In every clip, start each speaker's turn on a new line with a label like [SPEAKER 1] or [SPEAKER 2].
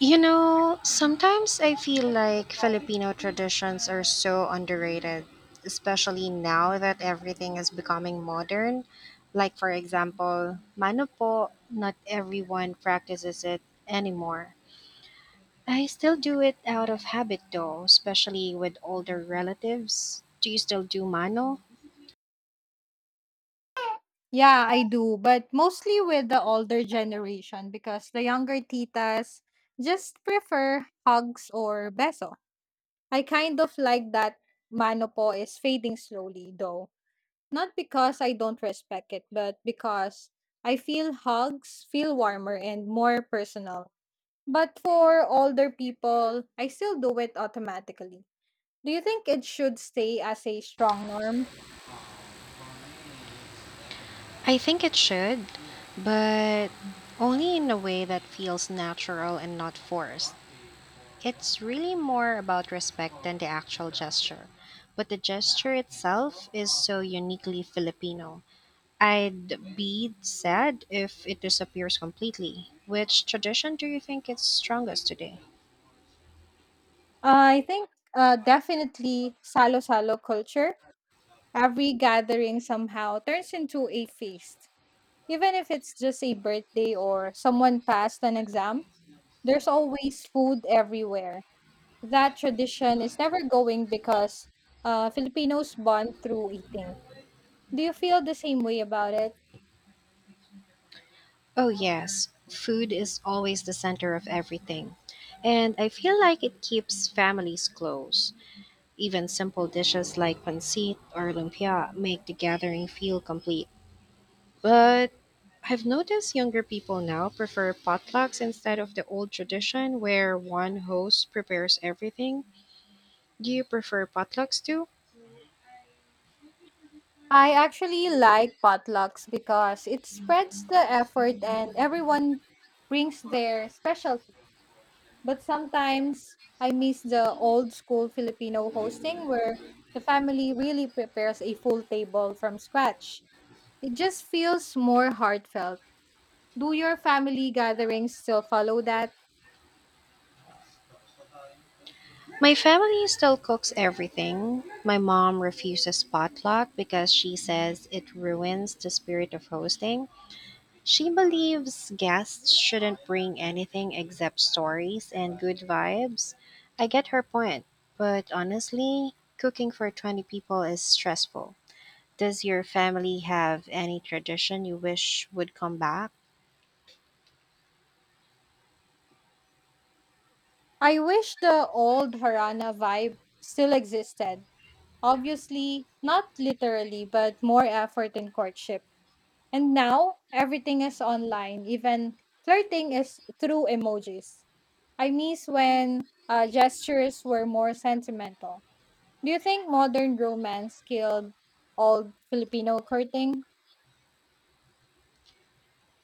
[SPEAKER 1] You know, sometimes I feel like Filipino traditions are so underrated, especially now that everything is becoming modern. Like, for example, mano po, not everyone practices it anymore. I still do it out of habit though, especially with older relatives. Do you still do mano?
[SPEAKER 2] Yeah, I do, but mostly with the older generation because the younger titas just prefer hugs or beso. I kind of like that mano po is fading slowly though. Not because I don't respect it, but because I feel hugs feel warmer and more personal. But for older people, I still do it automatically. Do you think it should stay as a strong norm?
[SPEAKER 1] I think it should, but only in a way that feels natural and not forced. It's really more about respect than the actual gesture. But the gesture itself is so uniquely Filipino. I'd be sad if it disappears completely. Which tradition do you think is strongest today?
[SPEAKER 2] I think Definitely salo-salo culture. Every gathering somehow turns into a feast. Even if it's just a birthday or someone passed an exam, there's always food everywhere. That tradition is never going because Filipinos bond through eating. Do you feel the same way about it?
[SPEAKER 1] Oh, yes. Food is always the center of everything. And I feel like it keeps families close. Even simple dishes like pancit or lumpia make the gathering feel complete. But I've noticed younger people now prefer potlucks instead of the old tradition where one host prepares everything. Do you prefer potlucks too?
[SPEAKER 2] I actually like potlucks because it spreads the effort and everyone brings their special. But sometimes I miss the old school Filipino hosting where the family really prepares a full table from scratch. It just feels more heartfelt. Do your family gatherings still follow that?
[SPEAKER 1] My family still cooks everything. My mom refuses potluck because she says it ruins the spirit of hosting. She believes guests shouldn't bring anything except stories and good vibes. I get her point, but honestly, cooking for 20 people is stressful. Does your family have any tradition you wish would come back?
[SPEAKER 2] I wish the old Harana vibe still existed. Obviously, not literally, but more effort in courtship. And now, everything is online, even flirting is through emojis. I miss when gestures were more sentimental. Do you think modern romance killed old Filipino courting?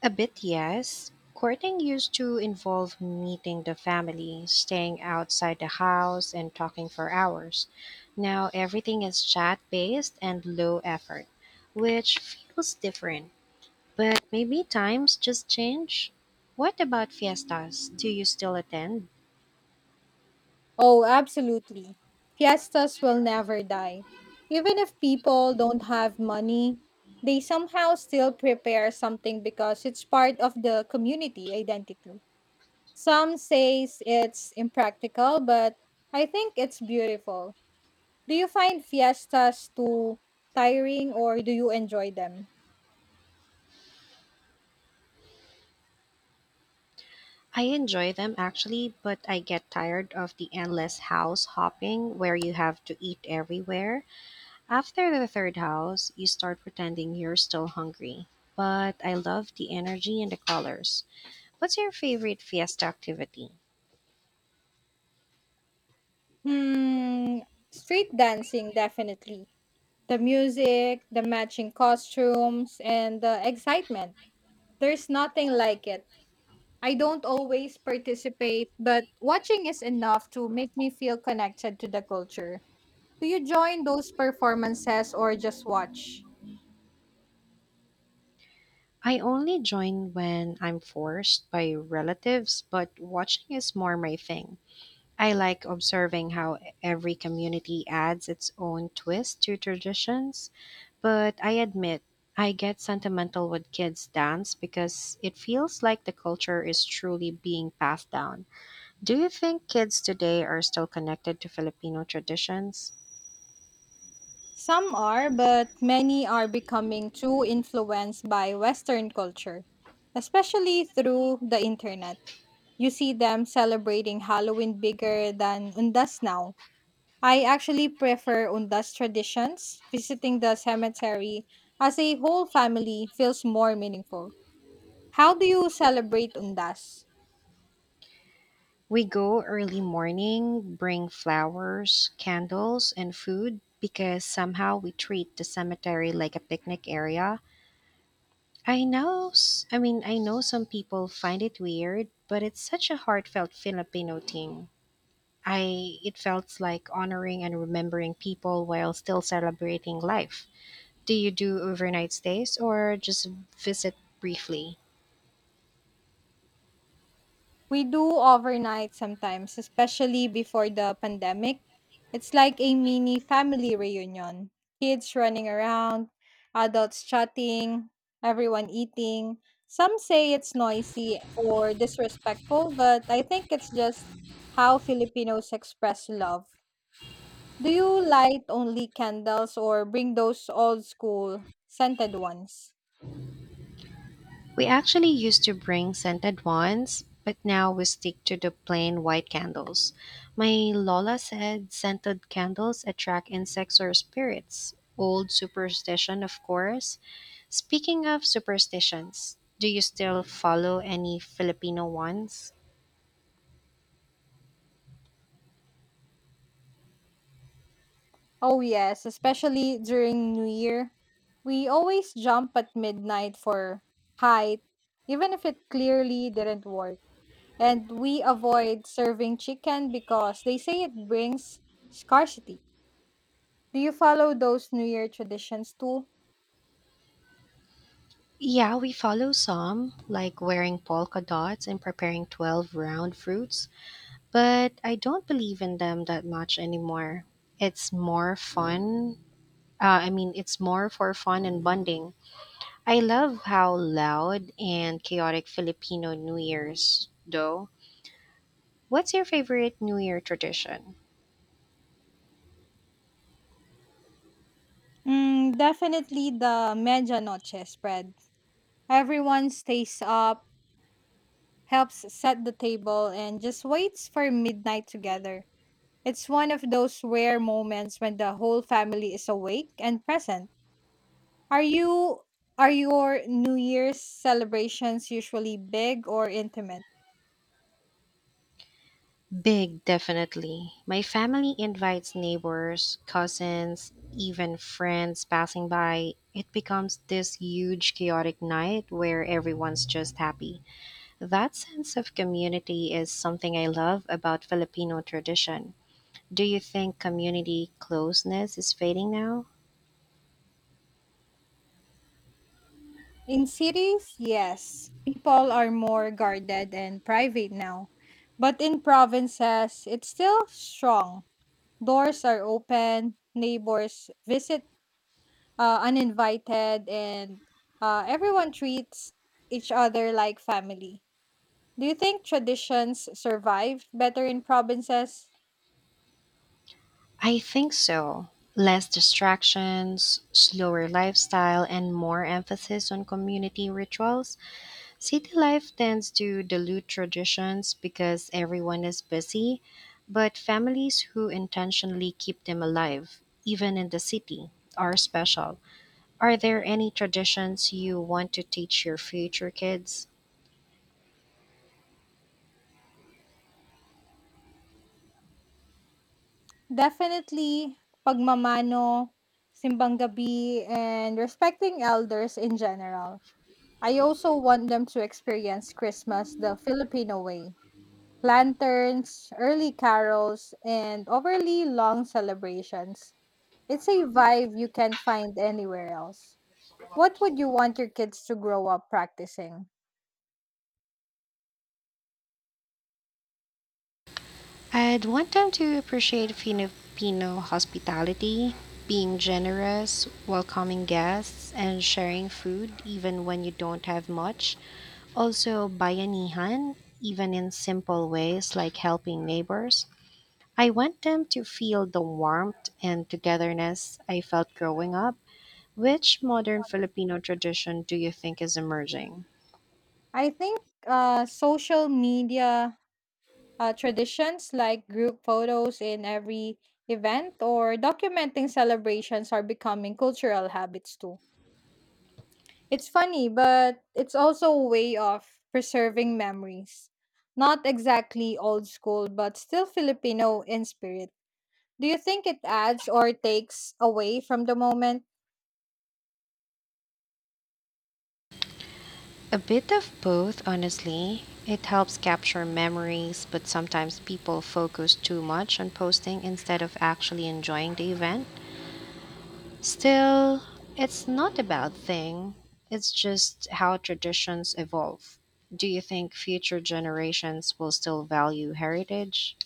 [SPEAKER 1] A bit, yes. Courting used to involve meeting the family, staying outside the house, and talking for hours. Now everything is chat based and low effort, which feels different. But maybe times just change. What about fiestas? Do you still attend?
[SPEAKER 2] Oh, absolutely. Fiestas will never die. Even if people don't have money, they somehow still prepare something because it's part of the community identity. Some says it's impractical, but I think it's beautiful. Do you find fiestas too tiring or do you enjoy them?
[SPEAKER 1] I enjoy them actually, but I get tired of the endless house hopping where you have to eat everywhere. After the third house, you start pretending you're still hungry. But I love the energy and the colors. What's your favorite fiesta activity?
[SPEAKER 2] Hmm, Street dancing definitely. The music, the matching costumes, and the excitement. There's nothing like it. I don't always participate, but watching is enough to make me feel connected to the culture. Do you join those performances or just watch?
[SPEAKER 1] I only join when I'm forced by relatives, but watching is more my thing. I like observing how every community adds its own twist to traditions, but I admit I get sentimental with kids' dance because it feels like the culture is truly being passed down. Do you think kids today are still connected to Filipino traditions?
[SPEAKER 2] Some are, but many are becoming too influenced by Western culture, especially through the internet. You see them celebrating Halloween bigger than Undas now. I actually prefer Undas traditions. Visiting the cemetery as a whole family feels more meaningful. How do you celebrate Undas?
[SPEAKER 1] We go early morning, bring flowers, candles, and food because somehow we treat the cemetery like a picnic area. I know, I mean, I know some people find it weird, but it's such a heartfelt Filipino thing. I it felt like honoring and remembering people while still celebrating life. Do you do overnight stays or just visit briefly?
[SPEAKER 2] We do overnight sometimes, especially before the pandemic. It's like a mini family reunion. Kids running around, adults chatting, everyone eating. Some say it's noisy or disrespectful, but I think it's just how Filipinos express love. Do you light only candles or bring those old school scented ones?
[SPEAKER 1] We actually used to bring scented ones, but now we stick to the plain white candles. My Lola said scented candles attract insects or spirits. Old superstition, of course. Speaking of superstitions, do you still follow any Filipino ones?
[SPEAKER 2] Oh, yes, especially during New Year. We always jump at midnight for height, even if it clearly didn't work. And we avoid serving chicken because they say it brings scarcity. Do you follow those New Year traditions too?
[SPEAKER 1] Yeah, we follow some, like wearing polka dots and preparing 12 round fruits, but I don't believe in them that much anymore. It's more fun. I mean, it's more for fun and bonding. I love how loud and chaotic Filipino New Year's, though. What's your favorite New Year tradition?
[SPEAKER 2] Definitely the medianoche spread. Everyone stays up, helps set the table, and just waits for midnight together. It's one of those rare moments when the whole family is awake and present. Are you are your New Year's celebrations usually big or intimate?
[SPEAKER 1] Big, definitely. My family invites neighbors, cousins, even friends passing by. It becomes this huge, chaotic night where everyone's just happy. That sense of community is something I love about Filipino tradition. Do you think community closeness is fading now?
[SPEAKER 2] In cities, yes. People are more guarded and private now. But in provinces, it's still strong. Doors are open, neighbors visit uninvited, and everyone treats each other like family. Do you think traditions survive better in provinces?
[SPEAKER 1] I think so. Less distractions, slower lifestyle, and more emphasis on community rituals. City life tends to dilute traditions because everyone is busy, but families who intentionally keep them alive, even in the city, are special. Are there any traditions you want to teach your future kids?
[SPEAKER 2] Definitely, pagmamano, simbang gabi, and respecting elders in general. I also want them to experience Christmas the Filipino way. Lanterns, early carols, and overly long celebrations. It's a vibe you can't find anywhere else. What would you want your kids to grow up practicing?
[SPEAKER 1] I'd want them to appreciate Filipino hospitality, being generous, welcoming guests, and sharing food even when you don't have much. Also, bayanihan, even in simple ways like helping neighbors. I want them to feel the warmth and togetherness I felt growing up. Which modern Filipino tradition do you think is emerging?
[SPEAKER 2] I think Social media traditions like group photos in every event or documenting celebrations are becoming cultural habits too. It's funny, but it's also a way of preserving memories. Not exactly old school, but still Filipino in spirit. Do you think it adds or takes away from the moment?
[SPEAKER 1] A bit of both, honestly. It helps capture memories, but sometimes people focus too much on posting instead of actually enjoying the event. Still, it's not a bad thing. It's just how traditions evolve. Do you think future generations will still value heritage?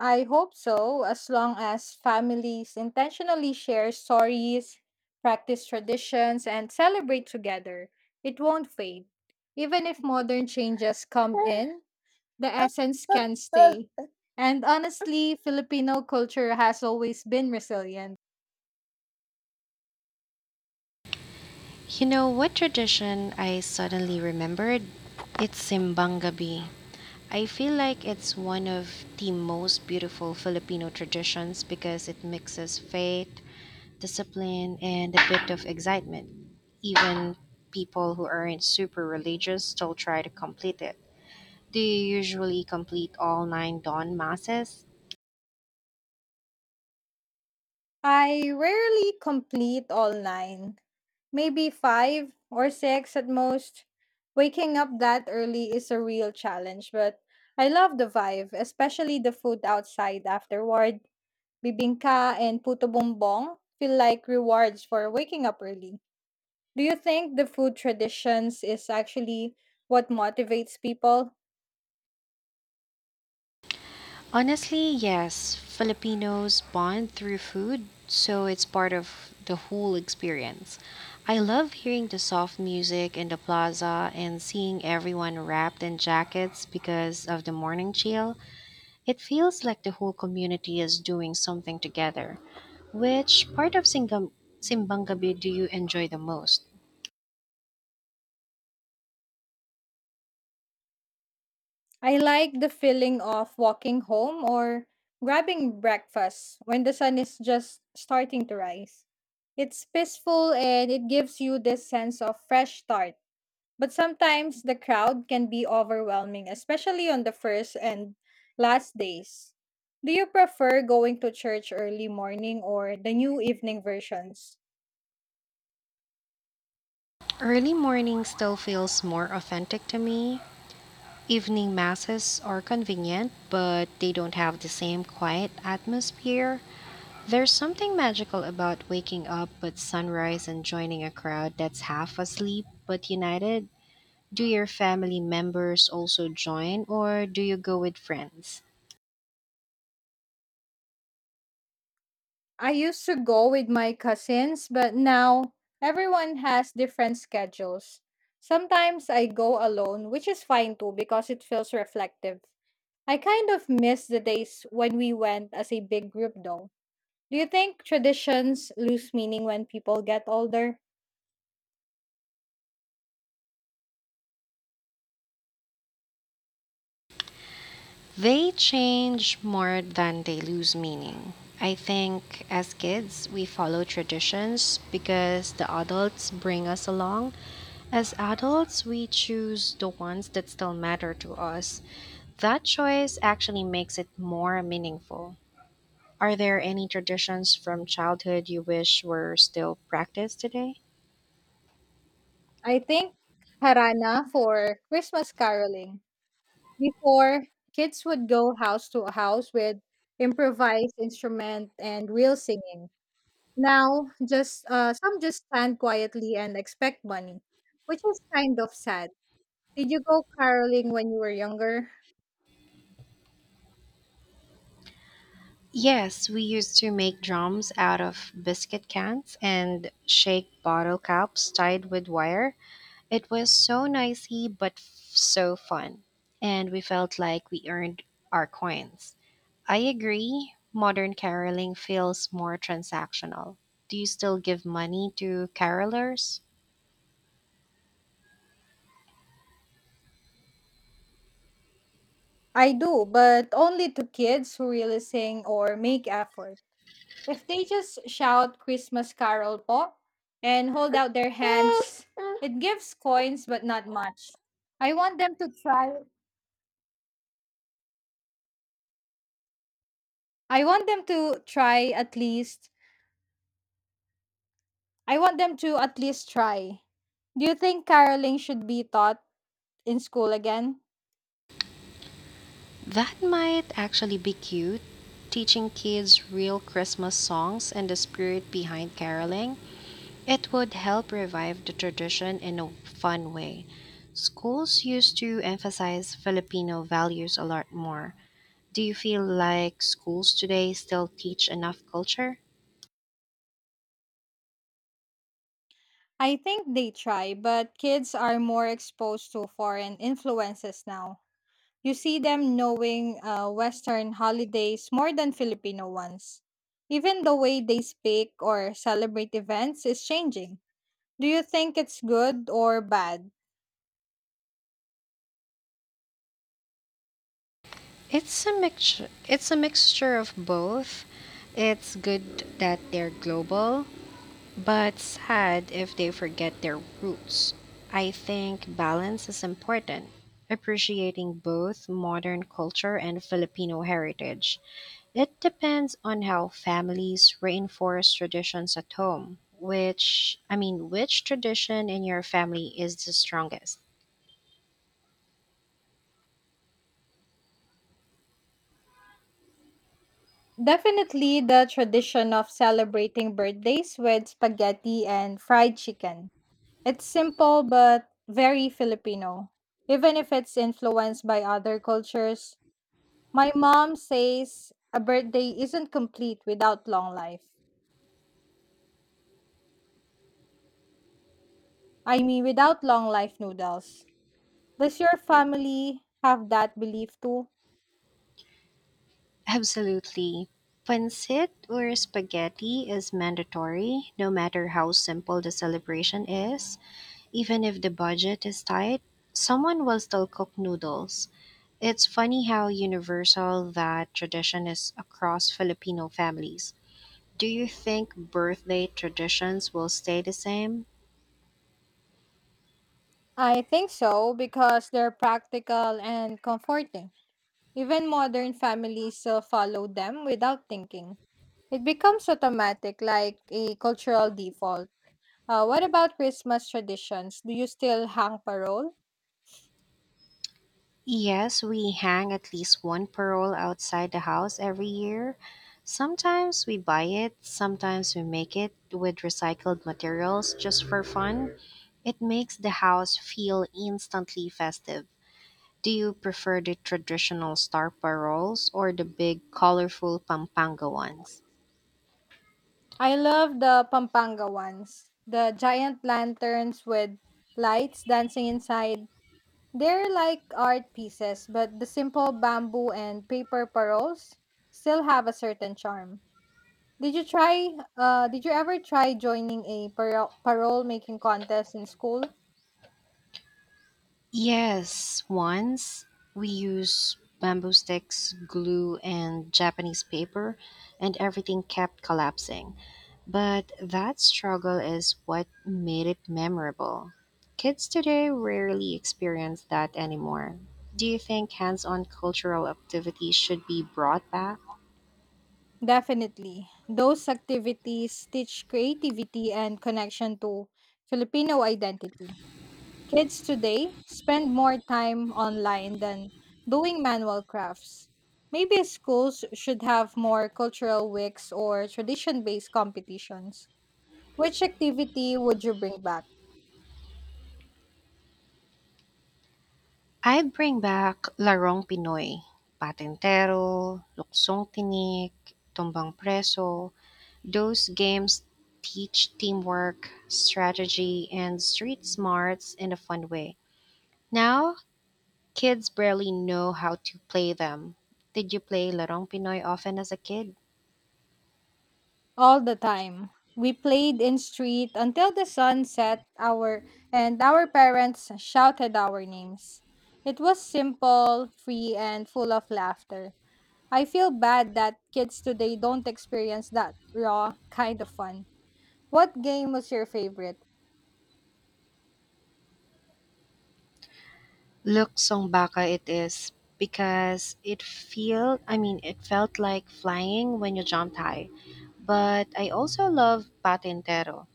[SPEAKER 2] I hope so, as long as families intentionally share stories, practice traditions, and celebrate together. It won't fade. Even if modern changes come in, the essence can stay. And honestly, Filipino culture has always been resilient.
[SPEAKER 1] You know what tradition I suddenly remembered? It's Simbang Gabi. I feel like it's one of the most beautiful Filipino traditions because it mixes faith, discipline, and a bit of excitement. Even people who aren't super religious still try to complete it. Do you usually complete all nine dawn masses?
[SPEAKER 2] I rarely complete all nine. Maybe five or six at most. Waking up that early is a real challenge, but I love the vibe, especially the food outside afterward. Bibingka and puto bumbong feel like rewards for waking up early. Do you think the food traditions is actually what motivates people?
[SPEAKER 1] Honestly, yes. Filipinos bond through food, so it's part of the whole experience. I love hearing the soft music in the plaza and seeing everyone wrapped in jackets because of the morning chill. It feels like the whole community is doing something together. Which part of Simbangabi do you enjoy the most?
[SPEAKER 2] I like the feeling of walking home or grabbing breakfast when the sun is just starting to rise. It's peaceful and it gives you this sense of fresh start. But sometimes the crowd can be overwhelming, especially on the first and last days. Do you prefer going to church early morning or the new evening versions?
[SPEAKER 1] Early morning still feels more authentic to me. Evening masses are convenient, but they don't have the same quiet atmosphere. There's something magical about waking up with sunrise and joining a crowd that's half asleep but united. Do your family members also join, or do you go with friends?
[SPEAKER 2] I used to go with my cousins, but now everyone has different schedules. Sometimes I go alone, which is fine too because it feels reflective. I kind of miss the days when we went as a big group though. Do you think traditions lose meaning when people get older?
[SPEAKER 1] They change more than they lose meaning. I think as kids, we follow traditions because the adults bring us along. As adults, we choose the ones that still matter to us. That choice actually makes it more meaningful. Are there any traditions from childhood you wish were still practiced today?
[SPEAKER 2] I think Harana for Christmas caroling. Before, kids would go house to house with improvised instrument and real singing. Now, just some just stand quietly and expect money, which is kind of sad. Did you go caroling when you were younger?
[SPEAKER 1] Yes, we used to make drums out of biscuit cans and shake bottle caps tied with wire. It was so noisy but so fun, and we felt like we earned our coins. I agree, modern caroling feels more transactional. Do you still give money to carolers?
[SPEAKER 2] I do, but only to kids who really sing or make effort. If they just shout Christmas Carol po and hold out their hands, it gives coins but not much. I want them to try. I want them to try at least. I want them to at least try. Do you think caroling should be taught in school again?
[SPEAKER 1] That might actually be cute. Teaching kids real Christmas songs and the spirit behind caroling, it would help revive the tradition in a fun way. Schools used to emphasize Filipino values a lot more. Do you feel like schools today still teach enough culture?
[SPEAKER 2] I think they try, but kids are more exposed to foreign influences now. You see them knowing Western holidays more than Filipino ones. Even the way they speak or celebrate events is changing. Do you think it's good or bad?
[SPEAKER 1] It's a mixture. It's a mixture of both. It's good that they're global, but sad if they forget their roots. I think balance is important, appreciating both modern culture and Filipino heritage. It depends on how families reinforce traditions at home. Which, I mean, which tradition in your family is the strongest?
[SPEAKER 2] Definitely the tradition of celebrating birthdays with spaghetti and fried chicken. It's simple but very Filipino. Even if it's influenced by other cultures, my mom says a birthday isn't complete without long life noodles. Does your family have that belief too?
[SPEAKER 1] Absolutely. Pancit or spaghetti is mandatory, no matter how simple the celebration is. Even if the budget is tight, someone will still cook noodles. It's funny how universal that tradition is across Filipino families. Do you think birthday traditions will stay the same?
[SPEAKER 2] I think so because they're practical and comforting. Even modern families still follow them without thinking. It becomes automatic, like a cultural default. What about Christmas traditions? Do you still hang parole?
[SPEAKER 1] Yes, we hang at least one parole outside the house every year. Sometimes we buy it, sometimes we make it with recycled materials just for fun. It makes the house feel instantly festive. Do you prefer the traditional star paroles or the big, colorful Pampanga ones?
[SPEAKER 2] I love the Pampanga ones. The giant lanterns with lights dancing inside. They're like art pieces, but the simple bamboo and paper paroles still have a certain charm. Did you ever try joining a parole making contest in school?
[SPEAKER 1] Yes, once we use bamboo sticks, glue, and Japanese paper, and everything kept collapsing. But that struggle is what made it memorable. Kids today rarely experience that anymore. Do you think hands on cultural activities should be brought back?
[SPEAKER 2] Definitely. Those activities teach creativity and connection to Filipino identity. Kids today spend more time online than doing manual crafts. Maybe schools should have more cultural weeks or tradition based competitions. Which activity would you bring back?
[SPEAKER 1] I'd bring back Larong Pinoy, Patentero, Luksong Tinik, Tumbang Preso. Those games teach teamwork, strategy, and street smarts in a fun way. Now, kids barely know how to play them. Did you play Larong Pinoy often as a kid?
[SPEAKER 2] All the time. We played in street until the sun set our and our parents shouted our names. It was simple, free and full of laughter. I feel bad that kids today don't experience that raw kind of fun. What game was your favorite?
[SPEAKER 1] Look, song baka it is because it feel I mean it felt like flying when you jumped high. But I also love patintero.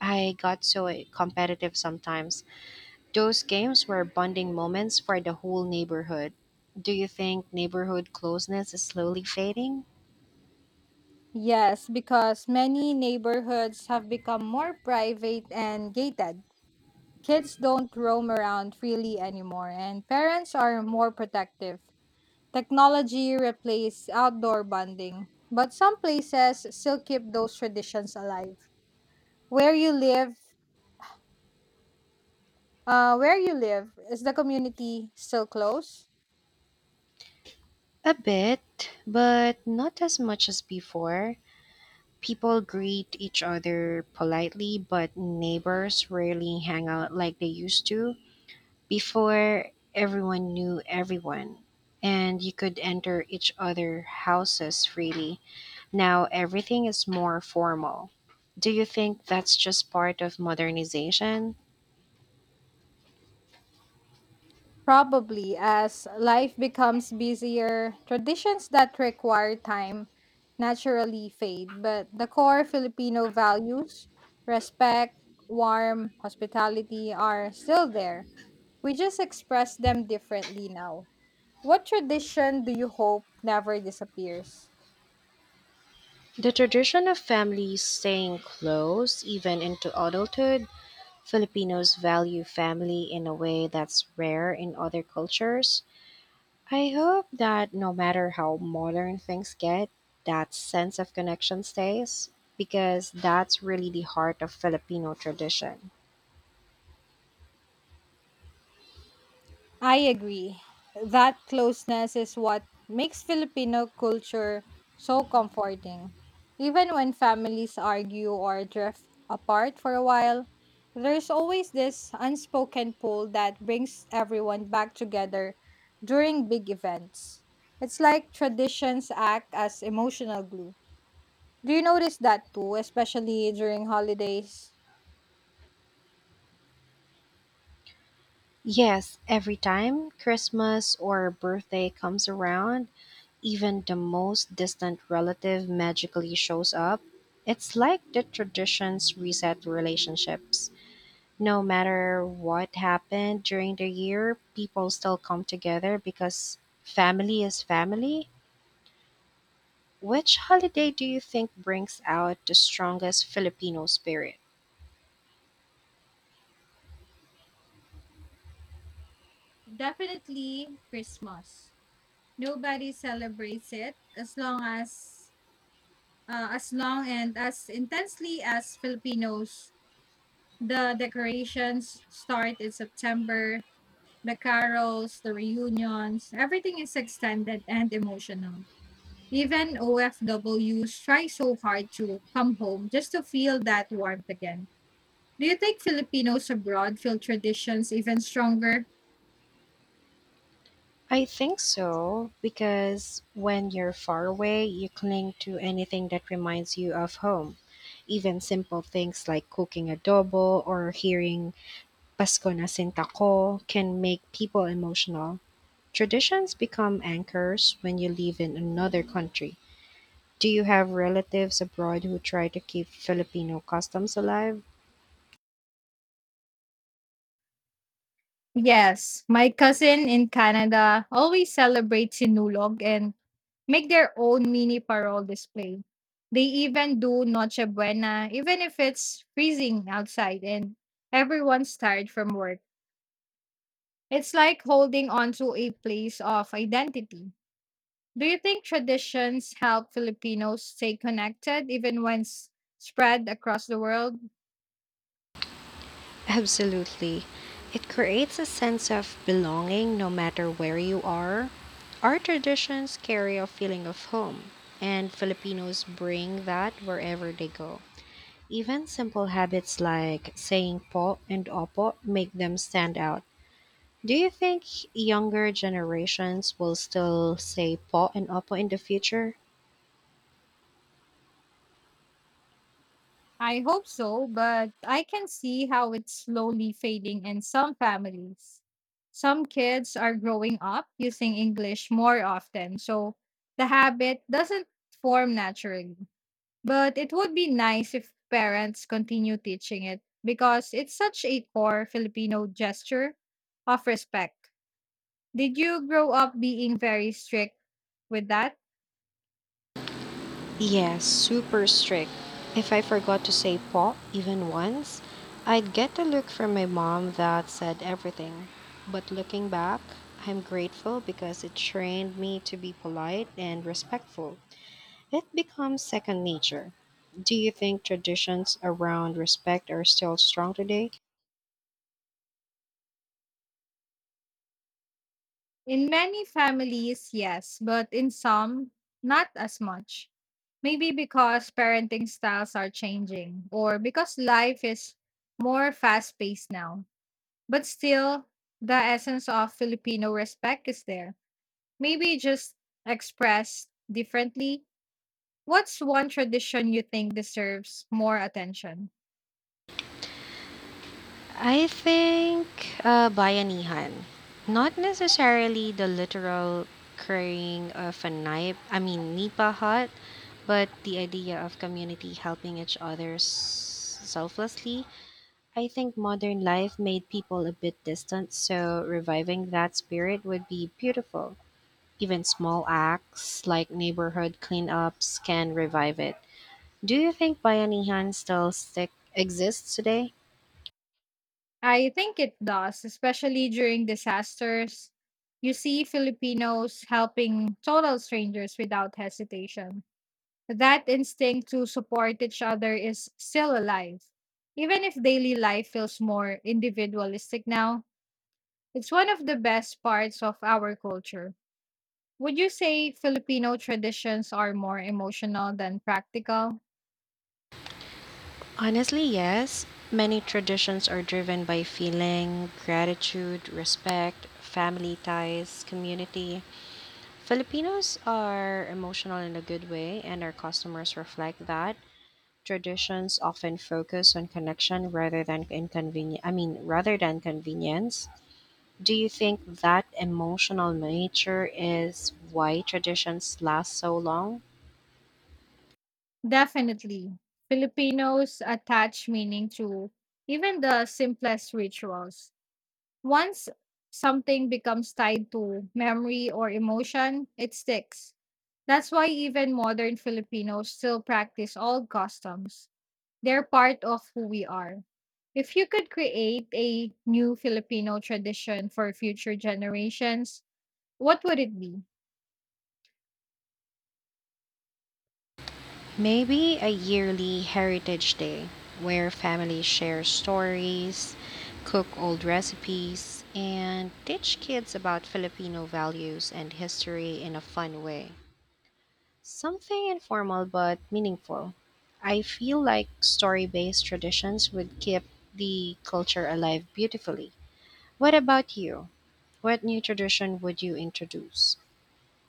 [SPEAKER 1] I got so competitive sometimes. Those games were bonding moments for the whole neighborhood. Do you think neighborhood closeness is slowly fading?
[SPEAKER 2] Yes, because many neighborhoods have become more private and gated. Kids don't roam around freely anymore and parents are more protective. Technology replaced outdoor bonding, but some places still keep those traditions alive. Where you live, where you live, is the community still close?
[SPEAKER 1] A bit, but not as much as before. People greet each other politely, but neighbors rarely hang out like they used to. Before, everyone knew everyone, and you could enter each other houses freely. Now everything is more formal. Do you think that's just part of modernization?
[SPEAKER 2] Probably, as life becomes busier, traditions that require time naturally fade. But the core Filipino values, respect, warmth, hospitality, are still there. We just express them differently now. What tradition do you hope never disappears?
[SPEAKER 1] The tradition of families staying close even into adulthood, Filipinos value family in a way that's rare in other cultures. I hope that no matter how modern things get, that sense of connection stays because that's really the heart of Filipino tradition.
[SPEAKER 2] I agree. That closeness is what makes Filipino culture so comforting. Even when families argue or drift apart for a while, there's always this unspoken pull that brings everyone back together during big events. It's like traditions act as emotional glue. Do you notice that too, especially during holidays?
[SPEAKER 1] Yes, every time Christmas or birthday comes around, even the most distant relative magically shows up. It's like the traditions reset relationships. No matter what happened during the year, people still come together because family is family. Which holiday do you think brings out the strongest Filipino spirit?
[SPEAKER 2] Definitely Christmas. Nobody celebrates it as long and as intensely as Filipinos. The decorations start in September, the carols, the reunions, everything is extended and emotional. Even OFWs try so hard to come home just to feel that warmth again. Do you think Filipinos abroad feel traditions even stronger?
[SPEAKER 1] I think so, because when you're far away, you cling to anything that reminds you of home. Even simple things like cooking adobo or hearing Pasko na sintako can make people emotional. Traditions become anchors when you live in another country. Do you have relatives abroad who try to keep Filipino customs alive?
[SPEAKER 2] Yes, my cousin in Canada always celebrates Sinulog and make their own mini parol display. They even do Noche Buena, even if it's freezing outside and everyone's tired from work. It's like holding on to a place of identity. Do you think traditions help Filipinos stay connected even when spread across the world?
[SPEAKER 1] Absolutely. It creates a sense of belonging no matter where you are. Our traditions carry a feeling of home, and Filipinos bring that wherever they go. Even simple habits like saying po and opo make them stand out. Do you think younger generations will still say po and opo in the future?
[SPEAKER 2] I hope so, but I can see how it's slowly fading in some families. Some kids are growing up using English more often, so the habit doesn't form naturally. But it would be nice if parents continue teaching it because it's such a core Filipino gesture of respect. Did you grow up being very strict with that?
[SPEAKER 1] Yes, super strict. If I forgot to say po even once, I'd get a look from my mom that said everything. But looking back, I'm grateful because it trained me to be polite and respectful. It becomes second nature. Do you think traditions around respect are still strong today?
[SPEAKER 2] In many families, yes, but in some, not as much. Maybe because parenting styles are changing or because life is more fast paced now. But still, the essence of Filipino respect is there. Maybe just expressed differently. What's one tradition you think deserves more attention?
[SPEAKER 1] I think bayanihan, not necessarily the literal carrying of a knife. I mean nipa hut, but the idea of community helping each other selflessly. I think modern life made people a bit distant, so reviving that spirit would be beautiful. Even small acts like neighborhood cleanups can revive it. Do you think bayanihan still stick exists today?
[SPEAKER 2] I think it does, especially during disasters. You see Filipinos helping total strangers without hesitation. That instinct to support each other is still alive. Even if daily life feels more individualistic now, it's one of the best parts of our culture. Would you say Filipino traditions are more emotional than practical?
[SPEAKER 1] Honestly, yes. Many traditions are driven by feeling, gratitude, respect, family ties, community. Filipinos are emotional in a good way, and our customers reflect that. Traditions often focus on connection rather than inconvenience. I mean, rather than convenience. Do you think that emotional nature is why traditions last so long?
[SPEAKER 2] Definitely. Filipinos attach meaning to even the simplest rituals. Once something becomes tied to memory or emotion, it sticks. That's why even modern Filipinos still practice old customs. They're part of who we are. If you could create a new Filipino tradition for future generations, what would it be?
[SPEAKER 1] Maybe a yearly heritage day where families share stories, cook old recipes, and teach kids about Filipino values and history in a fun way. Something informal but meaningful. I feel like story based traditions would keep the culture alive beautifully. What about you? What new tradition would you introduce?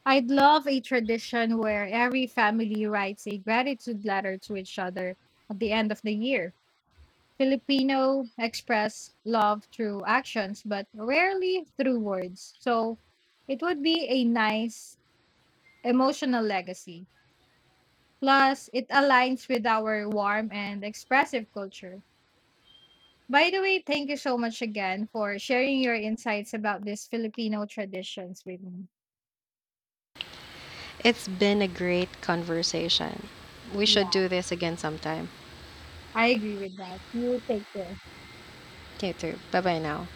[SPEAKER 2] I'd love a tradition where every family writes a gratitude letter to each other at the end of the year. Filipino express love through actions, but rarely through words. So it would be a nice emotional legacy. Plus, it aligns with our warm and expressive culture. By the way, thank you so much again for sharing your insights about these Filipino traditions with me.
[SPEAKER 1] It's been a great conversation. We should
[SPEAKER 2] Yeah,
[SPEAKER 1] do this again sometime.
[SPEAKER 2] I agree with that. You take care.
[SPEAKER 1] You too. Bye bye now.